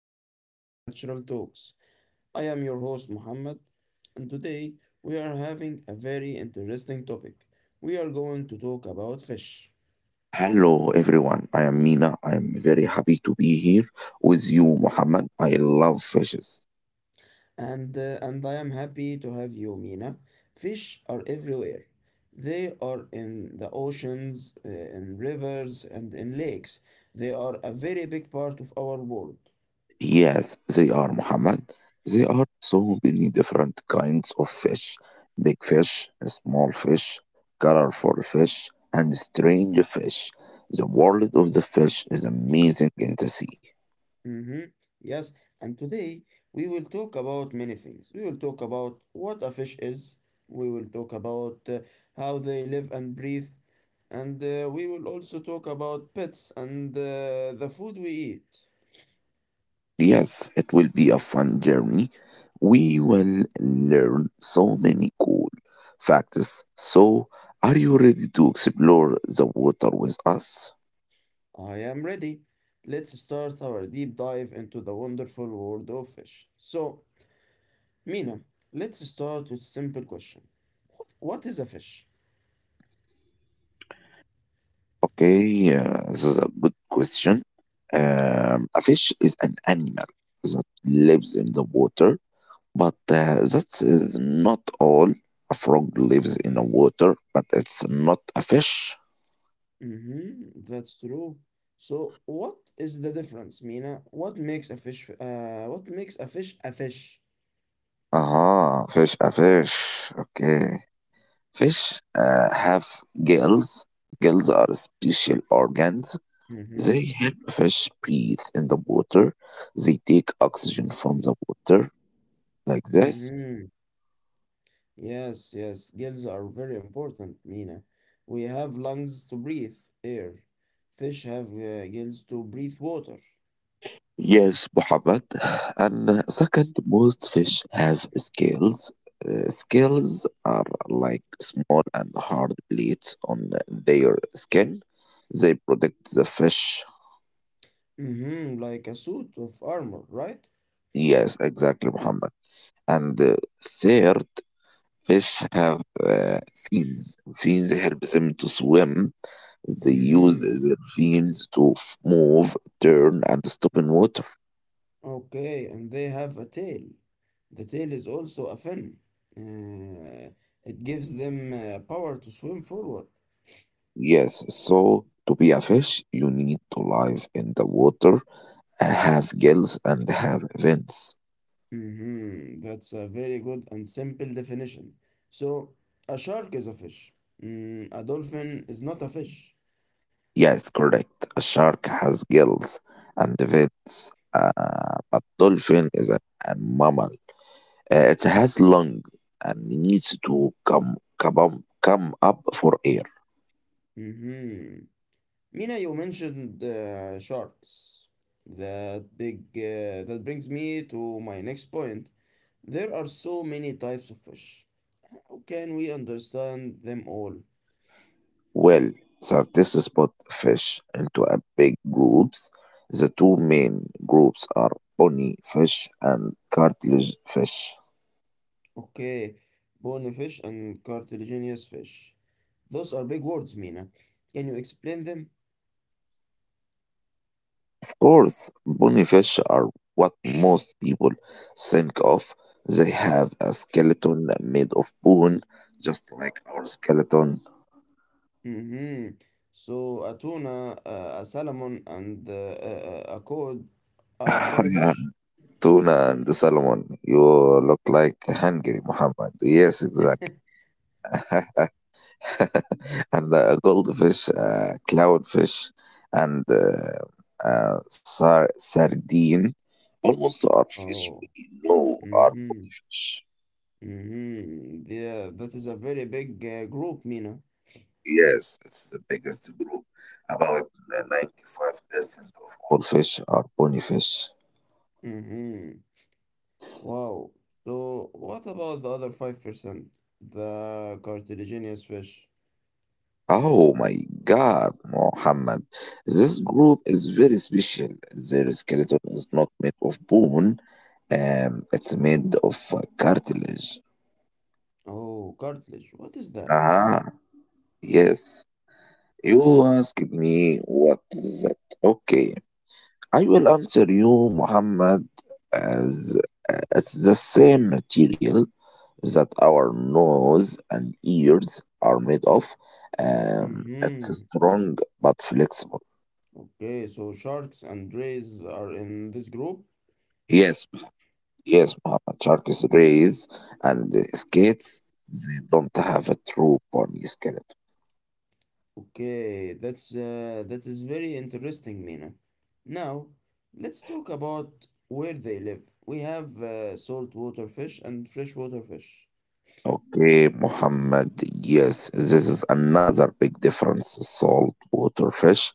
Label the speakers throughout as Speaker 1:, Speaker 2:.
Speaker 1: welcome to Natural Talks. I am your host Muhammad, and today we are having a very interesting topic. We are going to talk about fish,
Speaker 2: Hello, everyone. I am Mina. I am very happy to be here with you, Muhammad. I love fishes.
Speaker 1: and I am happy to have you, Mina. Fish are everywhere. They are in the oceans, in rivers, and in lakes. They are a very big part of our world.
Speaker 2: Yes, they are, Muhammad. There are so many different kinds of fish, big fish, small fish, colorful fish, and strange fish. The world of the fish is amazing in the sea.
Speaker 1: Mm-hmm. Yes, and today we will talk about many things. We will talk about what a fish is, we will talk about how they live and breathe, and we will also talk about pets and the food we eat.
Speaker 2: Yes, it will be a fun journey. We will learn so many cool facts. So, are you ready to explore the water with us?
Speaker 1: I am ready. Let's start our deep dive into the wonderful world of fish. So, Mina, let's start with simple question. What is a fish?
Speaker 2: Okay, this is a good question. A fish is an animal that lives in the water, but that is not all. A frog lives in the water, but it's not a fish.
Speaker 1: Mm-hmm, that's true. So what is the difference, Mina? What makes a fish a fish?
Speaker 2: Aha, fish, a fish. Okay. Fish have gills. Gills are special organs.
Speaker 1: Mm-hmm.
Speaker 2: They help fish breathe in the water. They take oxygen from the water like this.
Speaker 1: Mm-hmm. Yes, yes. Gills are very important, Mina. We have lungs to breathe air. Fish have gills to breathe water.
Speaker 2: Yes, Muhammad. And second, most fish have scales. Scales are like small and hard plates on their skin. They protect the fish.
Speaker 1: Mm-hmm. Like a suit of armor, right?
Speaker 2: Yes, exactly, Muhammad. And third, fish have fins. Fins help them to swim. They use
Speaker 1: Mm-hmm.
Speaker 2: their fins to move, turn, and stop in water.
Speaker 1: Okay, and they have a tail. The tail is also a fin. Uh, it gives them power to swim forward.
Speaker 2: Yes, so to be a fish, you need to live in the water, have gills, and have fins.
Speaker 1: Mhm, that's a very good and simple definition. So, a shark is a fish. A dolphin is not a fish.
Speaker 2: Yes, correct. A shark has gills and fins. A dolphin is a mammal. It has lungs and needs to come up for air.
Speaker 1: hmm Mina, you mentioned sharks. That big. That brings me to my next point. There are so many types of fish. How can we understand them all?
Speaker 2: Well, scientists split fish into a big groups. The two main groups are bony fish and cartilage fish.
Speaker 1: Okay, bony fish and cartilaginous fish. Those are big words, Mina. Can you explain them?
Speaker 2: Of course, bony fish are what most people think of. They have a skeleton made of bone, just like our skeleton.
Speaker 1: hmm So a tuna, a salmon, and a cod are a bony fish?
Speaker 2: Tuna and salmon. You look like hungry, Muhammad. Yes, exactly. and the goldfish, clownfish, and sardine. Almost all fish we
Speaker 1: Oh,
Speaker 2: know are
Speaker 1: mm-hmm,
Speaker 2: fish.
Speaker 1: mm-hmm. Yeah, that is a very big group, Mina.
Speaker 2: Yes, it's the biggest group. About 95% of all fish are bony fish.
Speaker 1: Mm-hmm. Wow. So what about the other 5%? The cartilaginous fish.
Speaker 2: Oh my God, Mohammed. This group is very special. Their skeleton is not made of bone, it's made of cartilage.
Speaker 1: Oh, cartilage. What is that?
Speaker 2: Ah, yes. You asked me what is that? Okay, I will answer you, Muhammad, as as the same material that our nose and ears are made of. It's
Speaker 1: Mm-hmm.
Speaker 2: strong but flexible.
Speaker 1: Okay, so sharks and rays are in this group?
Speaker 2: Yes, yes, Muhammad. Sharks, rays, and skates. They don't have a true bony skeleton.
Speaker 1: Okay, that is very interesting, Mina. Now, let's talk about where they live. We have saltwater fish and freshwater fish.
Speaker 2: Okay, Muhammad. Yes, this is another big difference. Saltwater fish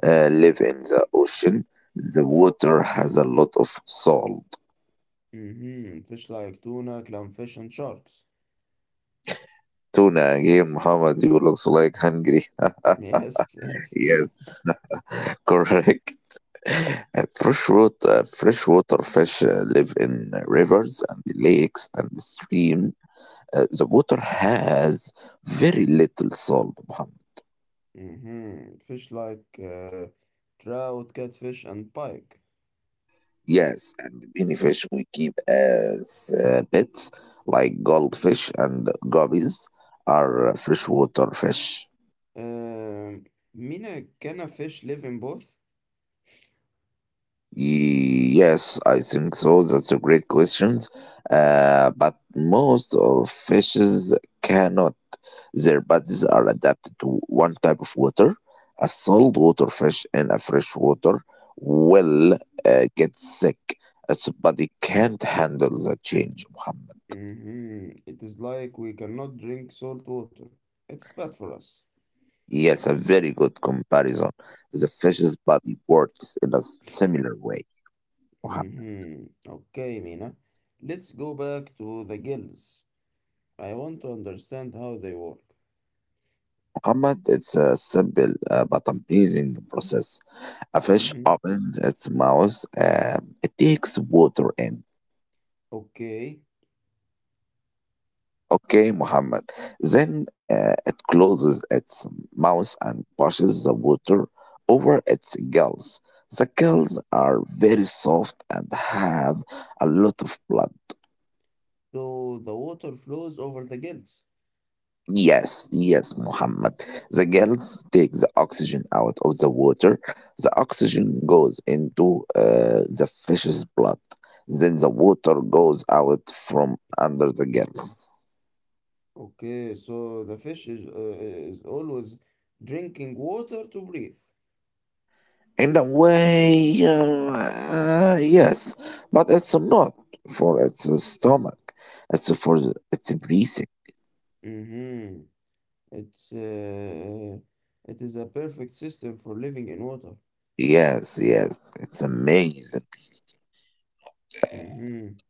Speaker 2: live in the ocean. The water has a lot of salt.
Speaker 1: Mm-hmm. Fish like tuna, clownfish, and sharks.
Speaker 2: Tuna again, Muhammad, you looks like hungry.
Speaker 1: Yes, yes.
Speaker 2: yes, correct. Freshwater fish live in rivers and lakes and streams. The water has very little salt, Muhammad.
Speaker 1: Mm-hmm. Fish like trout, catfish, and pike.
Speaker 2: Yes, and many fish we keep as pets, like goldfish and guppies, are freshwater fish.
Speaker 1: Um, Mina, can a fish live in both?
Speaker 2: Yes, I think so. That's a great question. But most of fishes cannot. Their bodies are adapted to one type of water. A saltwater fish and a freshwater will get sick. Its body can't handle the change, Muhammad.
Speaker 1: Mm-hmm. It is like we cannot drink salt water. It's bad for us.
Speaker 2: Yes, a very good comparison. The fish's body works in a similar way, Muhammad.
Speaker 1: Mhm. Okay, Mina. Let's go back to the gills. I want to understand how they work.
Speaker 2: Ahmad, it's a simple but amazing process. A fish
Speaker 1: Mhm.
Speaker 2: opens its mouth, it takes water in.
Speaker 1: Okay.
Speaker 2: Okay, Muhammad. Then it closes its mouth and pushes the water over its gills. The gills are very soft and have a lot of blood.
Speaker 1: So the water flows over the gills.
Speaker 2: Yes, yes, Muhammad. The girls take the oxygen out of the water. The oxygen goes into the fish's blood. Then the water goes out from under the girls.
Speaker 1: Okay, so the fish is always drinking water to breathe.
Speaker 2: In a way, yes, but it's not for its stomach. It's for its breathing.
Speaker 1: Mhm. It's uh, it is a perfect system for living in water.
Speaker 2: Yes, yes, it's amazing.
Speaker 1: Mhm.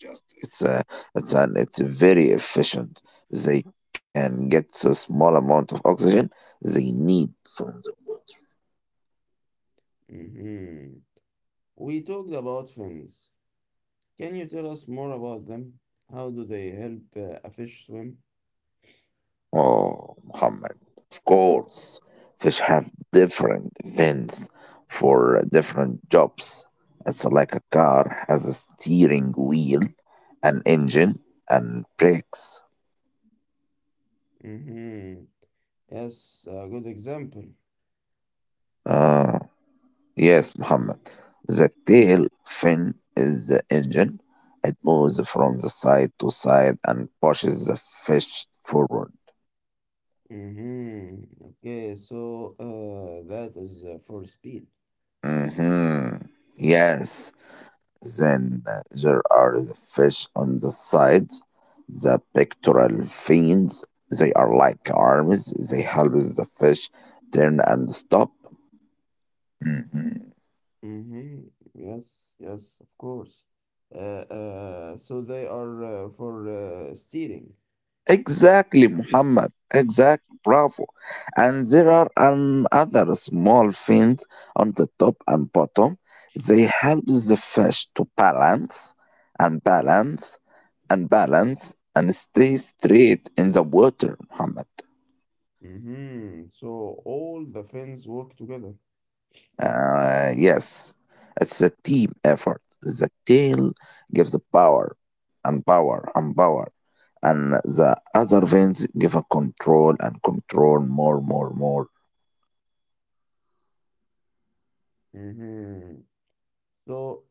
Speaker 2: Just It's a, it's an, it's very efficient. They can get a small amount of oxygen they need from the water.
Speaker 1: Mhm. We talked about fins. Can you tell us more about them? How do they help a fish swim?
Speaker 2: Oh, Muhammad, of course, fish have different vents for different jobs. It's like a car has a steering wheel, an engine, and brakes.
Speaker 1: Mm-hmm. Yes, a good example.
Speaker 2: Ah. Yes, Muhammad. The tail fin is the engine. It moves from the side to side and pushes the fish forward.
Speaker 1: Mm-hmm. Okay, so that is for speed.
Speaker 2: hmm Yes. Then there are the fish on the side, the pectoral fins. They are like arms. They help the fish turn and stop. Mhm.
Speaker 1: Mm-hmm. Yes, yes, of course. So they are for steering.
Speaker 2: Exactly, Muhammad. Exactly, bravo. And there are another small fins on the top and bottom. They help the fish to balance and balance and balance and stay straight in the water, Muhammad.
Speaker 1: Mm-hmm. So all the fins work together.
Speaker 2: Yes, it's a team effort. The tail gives the power and power and power, and the other fins give a control and control more, more, more.
Speaker 1: Mm-hmm. So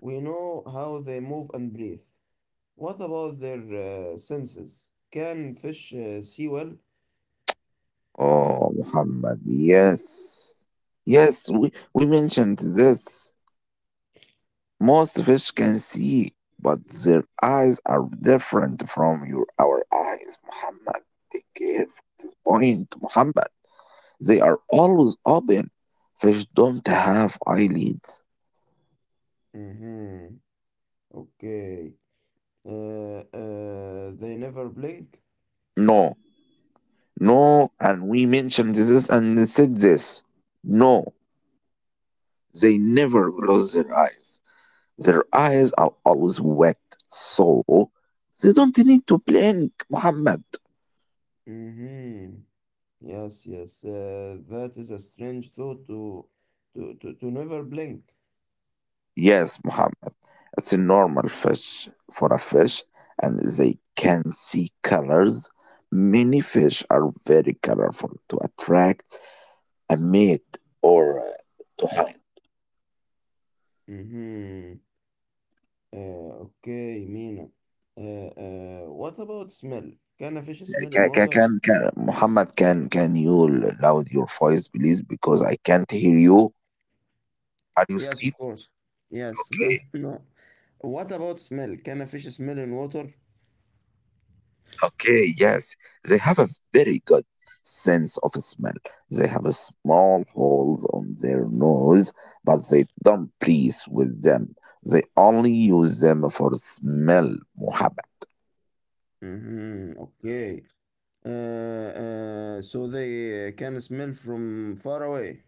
Speaker 1: we know how they move and breathe. What about their senses? Can fish see well?
Speaker 2: Oh, Muhammad, yes. Yes, we mentioned this. Most fish can see, but their eyes are different from your our eyes, Muhammad. Take care of this point, Muhammad. They are always open. Fish don't have eyelids.
Speaker 1: Mm-hmm. Okay. They never blink?
Speaker 2: No, no, and we mentioned this and said this. No, they never close their eyes. Their eyes are always wet, so they don't need to blink, Muhammad.
Speaker 1: Mm-hmm. Yes, yes. That is a strange thought to to never blink.
Speaker 2: Yes, Muhammad. It's a normal fish for a fish, and they can see colors. Many fish are very colorful to attract a mate or to hide.
Speaker 1: Mm-hmm. Okay, Mina. Uh, what about smell? Can a fish smell in
Speaker 2: Can, can,
Speaker 1: water?
Speaker 2: can, can, Muhammad, can you loud your voice, please? Because I can't hear you. Are you
Speaker 1: Yes, of
Speaker 2: asleep?
Speaker 1: course. Yes, no,
Speaker 2: Okay.
Speaker 1: no. What about smell? Can a fish smell in water?
Speaker 2: Okay, yes, they have a very good sense of smell. They have a small holes on their nose, but they don't breathe with them. They only use them for smell, Muhammad.
Speaker 1: Mm-hmm. Okay. So they can smell from far away.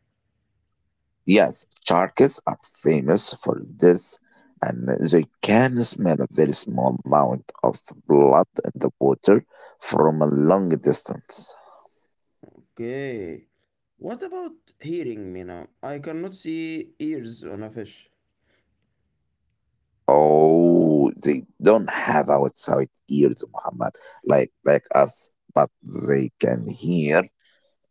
Speaker 2: Yes, sharks are famous for this, and they can smell a very small amount of blood in the water from a long distance.
Speaker 1: Okay. What about hearing, Mina? I cannot see ears on a fish.
Speaker 2: Oh, they don't have outside ears, Muhammad, like us, but they can hear.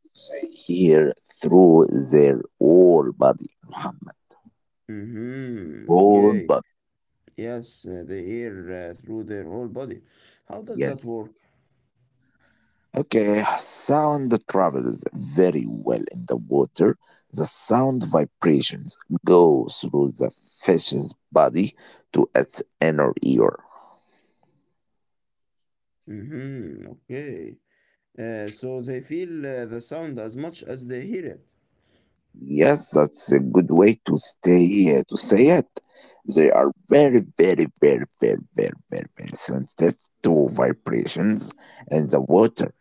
Speaker 2: They hear through their whole body, Muhammad.
Speaker 1: Mm-hmm.
Speaker 2: Whole
Speaker 1: Okay.
Speaker 2: body.
Speaker 1: Yes, they hear through their whole body. How does that work?
Speaker 2: Yes. Okay. Sound travels very well in the water. The sound vibrations go through the fish's body to its inner ear.
Speaker 1: Mm-hmm. Okay. So they feel the sound as much as they hear it.
Speaker 2: Yes, that's a good way to stay to say it. They are very, very, very, very, very, very, very sensitive to vibrations, and the water.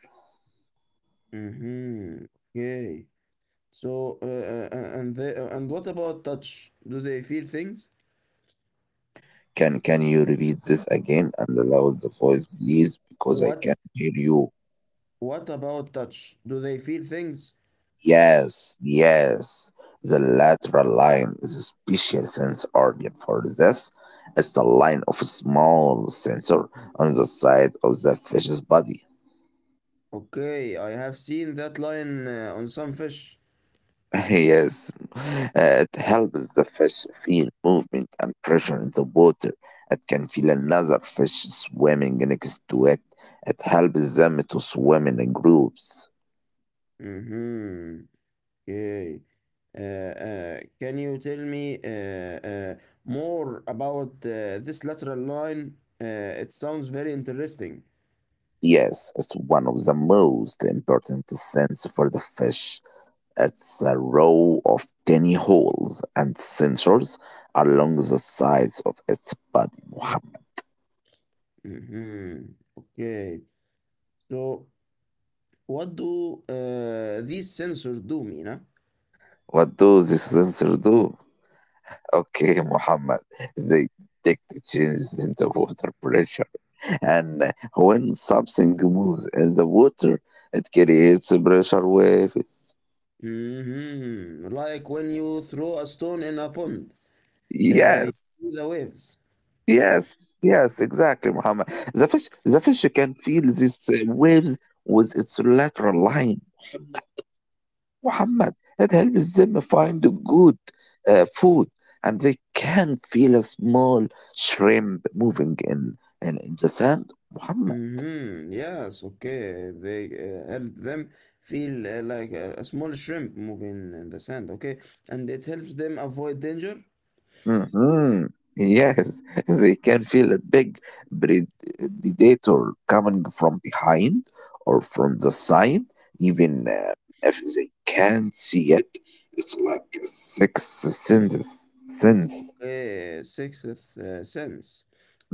Speaker 1: Mm-hmm. Okay. So and they, and what about touch? Do they feel things?
Speaker 2: Can you repeat this again and allow the voice, please, because I
Speaker 1: What
Speaker 2: can't hear you.
Speaker 1: What about touch? Do they feel things?
Speaker 2: Yes, yes. The lateral line is a special sense organ for this. It's the line of a small sensor on the side of the fish's body.
Speaker 1: Okay, I have seen that line on some fish.
Speaker 2: yes, it helps the fish feel movement and pressure in the water. It can feel another fish swimming next to it. It helps them to swim in groups.
Speaker 1: Mm-hmm. Okay. Can you tell me more about this lateral line. Uh, it sounds very interesting.
Speaker 2: Yes, it's one of the most important sense for the fish. It's a row of tiny holes and sensors along the sides of its body, Muhammad.
Speaker 1: Mm-hmm. Okay. So, what do these sensors do, Mina?
Speaker 2: What do these sensors do? Okay, Muhammad, they detect changes in the water pressure. And when something moves in the water, it creates pressure waves.
Speaker 1: Mm-hmm. Like when you throw a stone in a pond, uh, you
Speaker 2: Yes,
Speaker 1: see the waves.
Speaker 2: yes, yes, exactly, Muhammad. The fish can feel these waves with its lateral line, Muhammad. It helps them find good food, and they can feel a small shrimp moving in the sand, Muhammad.
Speaker 1: Mhm. Yes, okay. They help them feel like a small shrimp moving in the sand, okay? And it helps them avoid danger.
Speaker 2: hmm Yes, they can feel a big pred- predator coming from behind or from the side, even if they can't see it. It's like a sixth sense.
Speaker 1: Okay, sixth sense.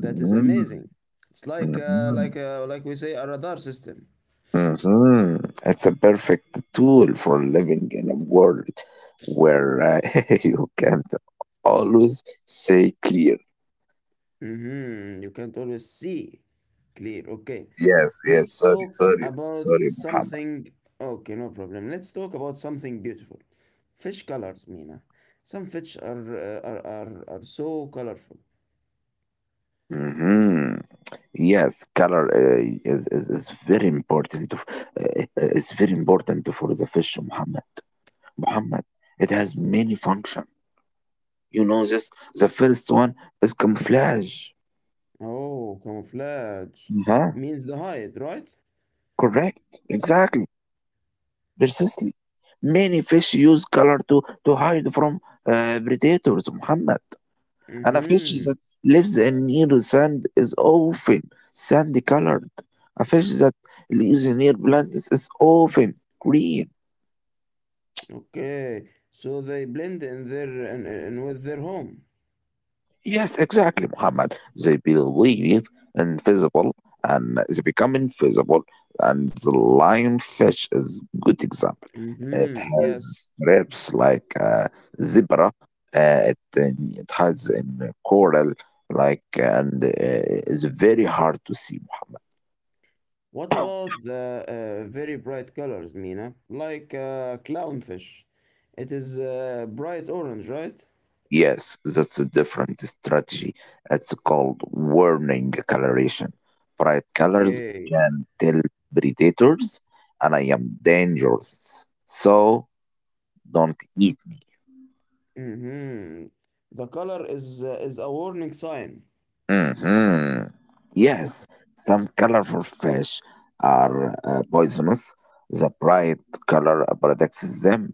Speaker 1: That is amazing. It's like uh,
Speaker 2: mhm.
Speaker 1: like uh, like we say a radar system.
Speaker 2: hmm It's a perfect tool for living in a world where you can't always say clear.
Speaker 1: Mhm. You can't always see clear. Okay.
Speaker 2: Yes, yes,
Speaker 1: Let's
Speaker 2: sorry,
Speaker 1: talk
Speaker 2: sorry,
Speaker 1: about
Speaker 2: sorry, Muhammad.
Speaker 1: something. Okay, no problem. Let's talk about something beautiful. Fish colors, Mina. Some fish are are so colorful.
Speaker 2: hmm Yes, color is very important. Uh, it's very important for the fish, Muhammad. Muhammad, it has many functions. You know this. The first one is camouflage.
Speaker 1: Oh, camouflage
Speaker 2: Uh-huh.
Speaker 1: means the hide, right?
Speaker 2: Correct. Exactly. Precisely. Many fish use color to hide from predators, Muhammad. And a fish
Speaker 1: Mm-hmm.
Speaker 2: that lives in near sand is often sandy colored. A fish that lives near plants is often green.
Speaker 1: Okay. So they blend in with their home.
Speaker 2: Yes, exactly, Muhammad. They believe invisible and they become invisible. And the lionfish is good example. It
Speaker 1: Mm-hmm.
Speaker 2: has
Speaker 1: Yes.
Speaker 2: stripes like zebra. It has in coral like and it's very hard to see, Muhammad.
Speaker 1: What about the very bright colors, Mina? Like clownfish. It is bright orange, right?
Speaker 2: Yes, that's a different strategy. It's called warning coloration. Bright colors
Speaker 1: Okay.
Speaker 2: can tell predators, and I am dangerous, so don't eat
Speaker 1: Mhm. The color is a warning sign.
Speaker 2: me. Yes, some colorful fish are poisonous. The bright color protects them.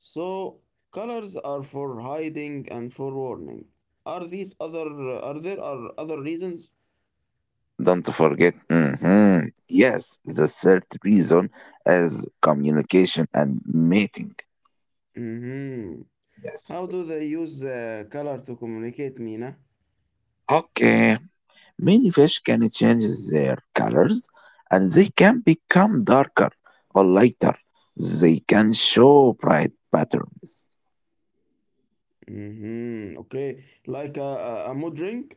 Speaker 1: So colors are for hiding and for warning. Are these other are there are other reasons?
Speaker 2: Don't forget. Yes, the third reason is communication and mating.
Speaker 1: hmm
Speaker 2: Yes.
Speaker 1: How do they
Speaker 2: Yes.
Speaker 1: use color to communicate, Mina?
Speaker 2: Okay, many fish can change their colors and they can become darker or lighter. They can show bright patterns.
Speaker 1: Okay, like a mood ring.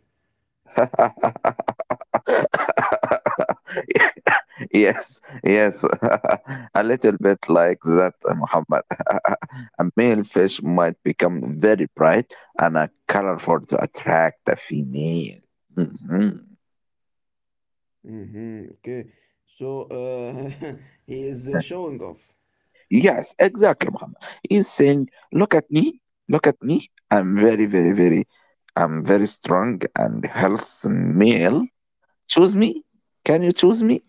Speaker 2: yes, yes, a little bit like that, Muhammad. a male fish might become very bright and colorful to attract a female. Mhm.
Speaker 1: Okay, so he is showing off.
Speaker 2: Yes, exactly, Muhammad. He's saying, look at me, look at me. I'm very strong and healthy male. Choose me. Can you choose me?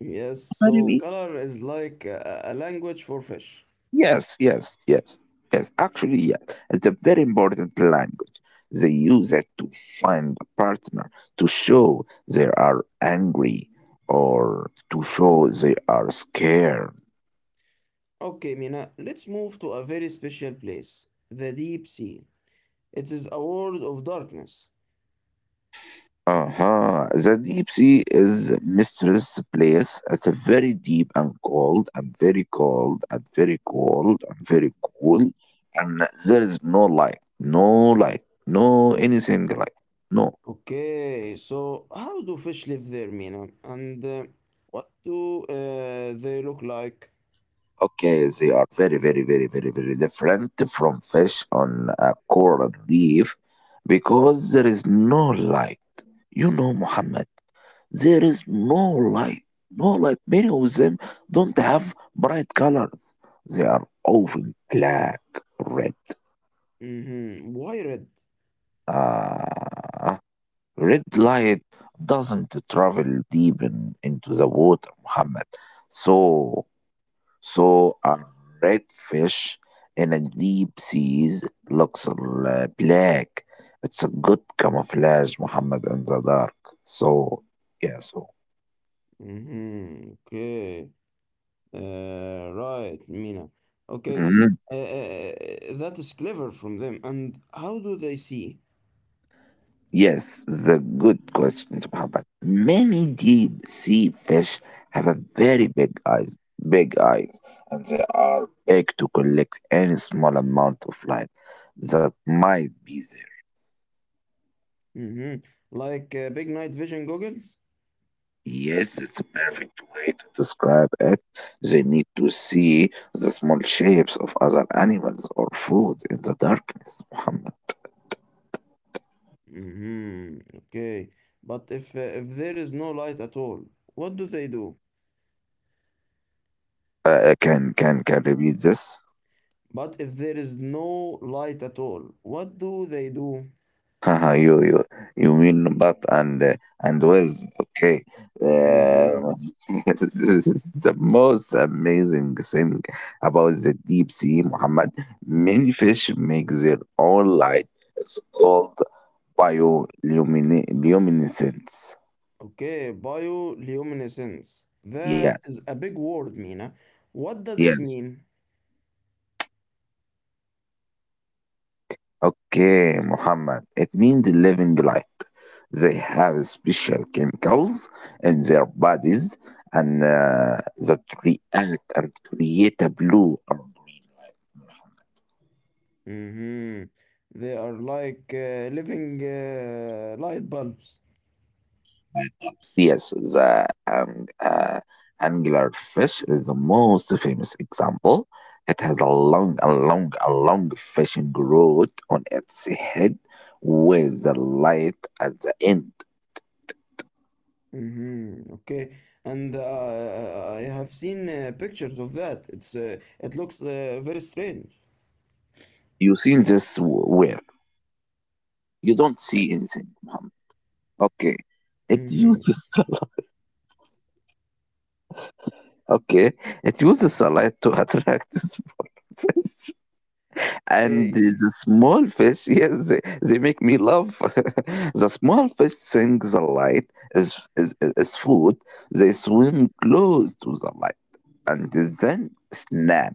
Speaker 1: Yes,
Speaker 2: Marry
Speaker 1: so
Speaker 2: me?
Speaker 1: color is like a language for fish.
Speaker 2: Yes, yes, yes, yes. Actually, yes. It's a very important language. They use it to find a partner, to show they are angry or to show they are scared.
Speaker 1: Okay, Mina, let's move to a very special place, the deep sea. It is a world of darkness.
Speaker 2: Uh-huh. The deep sea is mysterious place. It's a very deep and cold and very cold and very cold and very cool. And there is no light, no light, no anything like no.
Speaker 1: Okay, so how do fish live there, Mina? And what do they look like?
Speaker 2: Okay, they are very, very, very, very, very different from fish on a coral reef because there is no light. You know, Muhammad. There is no light. No light. Many of them don't have bright colors. They are often black, red.
Speaker 1: Mm-hmm. Why red?
Speaker 2: Uh, Red light doesn't travel deep into the water, Muhammad. So, so, a red fish in a deep seas looks black. It's a good camouflage, Muhammad, in the dark. So, yeah, so.
Speaker 1: Mm-hmm. Okay. Right, Mina. Okay. That is clever from them. And how do they see?
Speaker 2: Yes, the good question, Muhammad. Many deep sea fish have a very big eyes, and they are big to collect any small amount of light that might be there.
Speaker 1: Mm-hmm. Like big night vision goggles?
Speaker 2: Yes, it's a perfect way to describe it. They need to see the small shapes of other animals or foods in the darkness, Muhammad.
Speaker 1: Mhm. Okay. But if there is no light at all, what do they do?
Speaker 2: Can repeat this?
Speaker 1: But if there is no light at all, what do they do?
Speaker 2: Haha, you mean but and with okay.
Speaker 1: Mhm.
Speaker 2: Um, this is the most amazing thing about the deep sea, Muhammad. Many fish make their own light. It's called bioluminescence.
Speaker 1: Okay, bioluminescence. That
Speaker 2: Yes,
Speaker 1: is a big word, Mina. What does it
Speaker 2: yes.
Speaker 1: mean?
Speaker 2: Okay, Muhammad. It means living light. They have special chemicals in their bodies and that react and create a blue, or
Speaker 1: Mhm. They are like living light bulbs.
Speaker 2: perhaps, yes, the anglerfish is the most famous example. It has a long fishing rod on its head with the light at the end.
Speaker 1: Mhm. Okay. And I have seen pictures of that. It looks very strange.
Speaker 2: You see this where you don't see anything, Muhammad. Okay. It
Speaker 1: Mhm.
Speaker 2: uses okay. It uses sunlight to attract the small and
Speaker 1: Okay.
Speaker 2: the small fish. Yes, they make me laugh. The small fish think the light is, is food. They swim close to the light and then snap.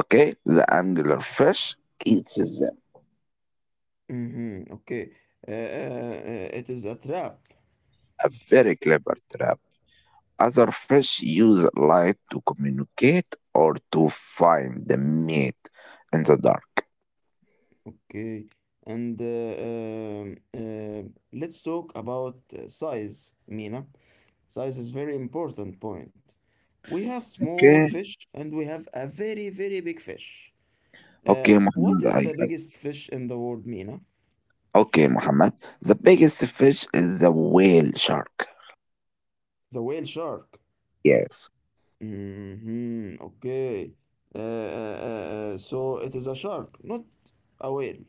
Speaker 2: Okay, the angler fish eats them.
Speaker 1: Okay. It is a trap.
Speaker 2: A very clever trap. Other fish use light to communicate or to find the mate in the dark.
Speaker 1: Okay. And let's talk about size, Mina. Size is very important point. We have small
Speaker 2: Okay.
Speaker 1: fish and we have a very, very big fish. Uh,
Speaker 2: Okay,
Speaker 1: what
Speaker 2: Muhammad.
Speaker 1: is
Speaker 2: I,
Speaker 1: the biggest fish in the world, Mina?
Speaker 2: I- okay, Muhammad. The biggest fish is the whale shark.
Speaker 1: The whale shark.
Speaker 2: Yes,
Speaker 1: Okay. Uh, so it is a shark, not a whale.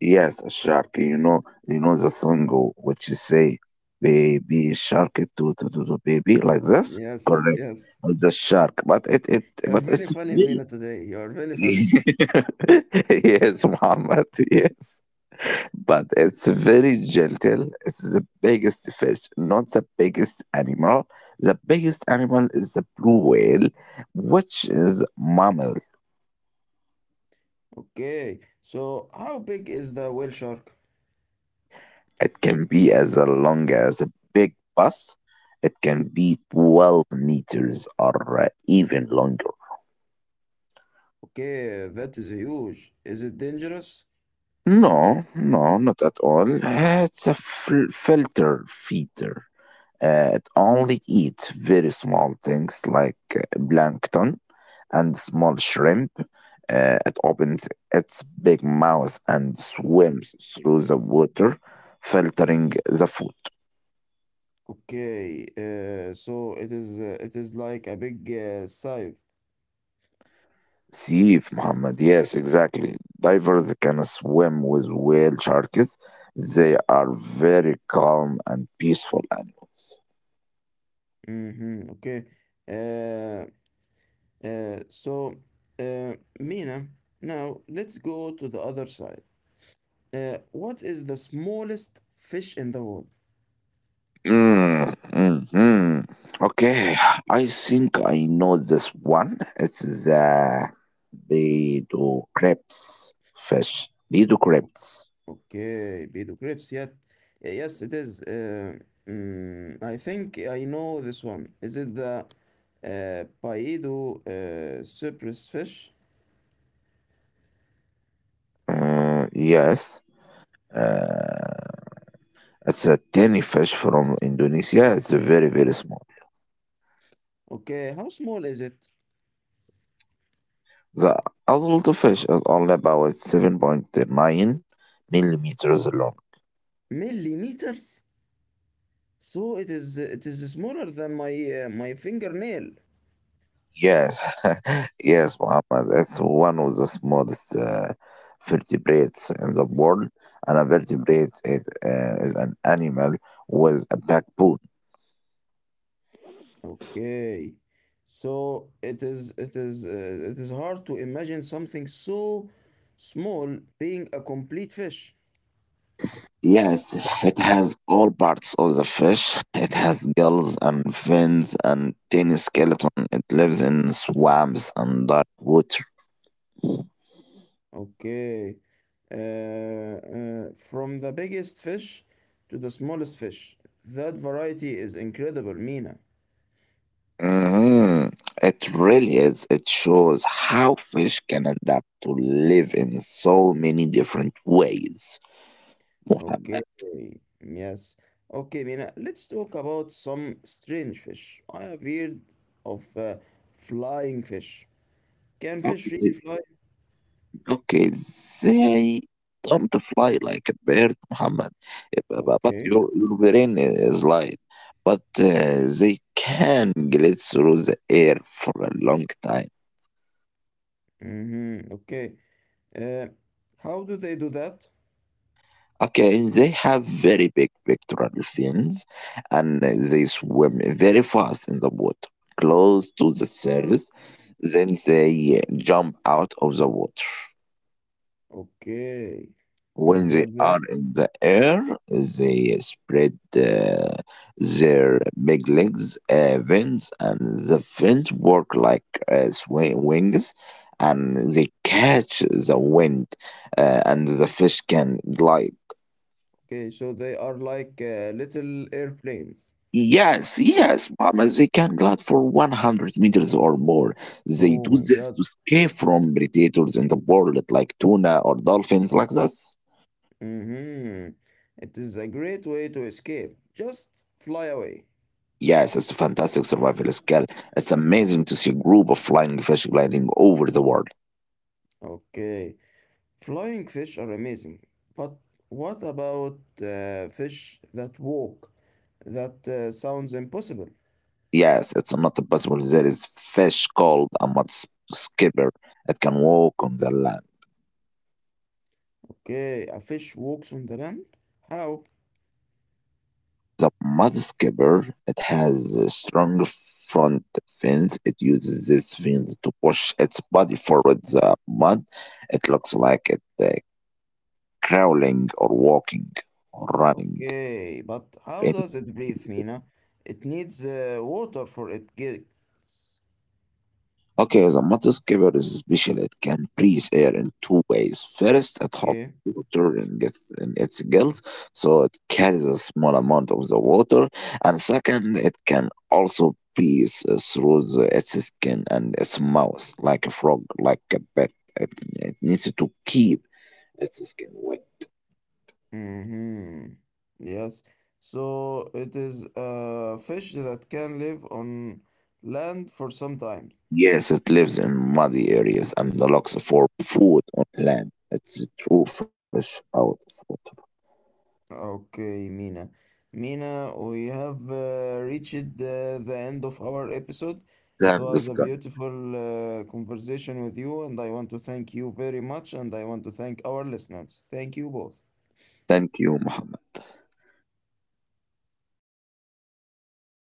Speaker 2: yes, a shark. You know the song which you say, "Baby shark, to baby," like this.
Speaker 1: Yes,
Speaker 2: Correct.
Speaker 1: yes.
Speaker 2: It's a shark, but it it
Speaker 1: You're
Speaker 2: but
Speaker 1: very
Speaker 2: it's
Speaker 1: funny,
Speaker 2: very.
Speaker 1: Mina, today. You're very funny.
Speaker 2: Yes, Muhammad. Yes. But it's very gentle. It's the biggest fish, not the biggest animal. The biggest animal is the blue whale, which is mammal.
Speaker 1: Okay, so how big is the whale shark?
Speaker 2: It can be as long as a big bus. It can be 12 meters or even longer.
Speaker 1: Okay, that is huge. Is it dangerous?
Speaker 2: No, no, not at all. It's a filter feeder. It only eats very small things like plankton and small shrimp. It opens its big mouth and swims through the water, filtering the food.
Speaker 1: Okay, so it is like a big scythe.
Speaker 2: Sif, Muhammad, yes, exactly. Divers can swim with whale sharks. They are very calm and peaceful animals.
Speaker 1: Mm-hmm. Okay. Uh, so, uh, Mina, now let's go to the other side. What is the smallest fish in the world?
Speaker 2: Mm, hmm. Okay, I think I know this one. It's the Bedo crepes fish. Bedo crepes.
Speaker 1: Okay, Beto Crepes, yet. Yes, it is. I think I know this one. Is it the Paedo cypress fish?
Speaker 2: Yes. Uh, it's a tiny fish from Indonesia. It's very, very small.
Speaker 1: Okay, how small is it?
Speaker 2: The adult fish is only about 7.9 millimeters long.
Speaker 1: Millimeters? So it is smaller than my fingernail.
Speaker 2: Yes, yes, Muhammad. It's one of the smallest vertebrates in the world, and a vertebrate is an animal with a backbone.
Speaker 1: Okay. So it is hard to imagine something so small being a complete fish.
Speaker 2: Yes, it has all parts of the fish. It has gills and fins and tiny skeleton. It lives in swamps and dark water.
Speaker 1: Okay. From the biggest fish to the smallest fish. That variety is incredible, Mina.
Speaker 2: hmm It really is. It shows how fish can adapt to live in so many different ways,
Speaker 1: Okay.
Speaker 2: Muhammad.
Speaker 1: Yes. Okay, Mina. Let's talk about some strange fish. I have heard of flying fish. Can fish
Speaker 2: Okay,
Speaker 1: really fly?
Speaker 2: okay, إزاي don't fly like a bird محمد, but
Speaker 1: Okay.
Speaker 2: your brain is light. But they can glide through the air for a long time.
Speaker 1: Mm-hmm. Okay. Uh, how do they do that?
Speaker 2: Okay, they have very big pectoral fins, and they swim very fast in the water close to the surface, then they jump out of the water.
Speaker 1: Okay. And
Speaker 2: When they
Speaker 1: what then?
Speaker 2: are in the air, they spread their big legs, fins, and the fins work like wings, and they catch the wind, and the fish can glide.
Speaker 1: Okay, so they are like little airplanes.
Speaker 2: Yes, yes, Mama, they can glide for 100 meters or more. They
Speaker 1: Oh
Speaker 2: do
Speaker 1: my
Speaker 2: this to
Speaker 1: God.
Speaker 2: escape from predators in the world, like tuna or dolphins, like that.
Speaker 1: Mm-hmm. It is a great way to escape. Just fly away.
Speaker 2: Yes, it's a fantastic survival skill. It's amazing to see a group of flying fish gliding over the world.
Speaker 1: Okay. Flying fish are amazing. But what about fish that walk? That sounds impossible.
Speaker 2: Yes, it's not possible. There is fish called a mud skipper. It can walk on the land.
Speaker 1: Okay, a fish walks on the land? How?
Speaker 2: The mud skipper, it has a strong front fins. It uses this fins to push its body forward the mud. It looks like it crawling or walking or running.
Speaker 1: Okay, but how
Speaker 2: In
Speaker 1: does it breathe, Mina? It needs water for it gets.
Speaker 2: Okay, the mud is special. It can breathe air in two ways. First, it holds
Speaker 1: Okay.
Speaker 2: water in in its gills, so it carries a small amount of the water. And second, it can also breathe through its skin and its mouth, like a frog, like a bat. It, it needs to keep its skin wet.
Speaker 1: Mm-hmm. Yes. So it is a fish that can live on land for some time.
Speaker 2: Yes, it lives in muddy areas and looks for food on land. It's a true fish out of water.
Speaker 1: Okay, Mina. Mina, we have reached the end of our episode. It
Speaker 2: Thanks,
Speaker 1: was a
Speaker 2: guys.
Speaker 1: beautiful conversation with you, and I want to thank you very much, and I want to thank our listeners. Thank you both.
Speaker 2: Thank you, Muhammad.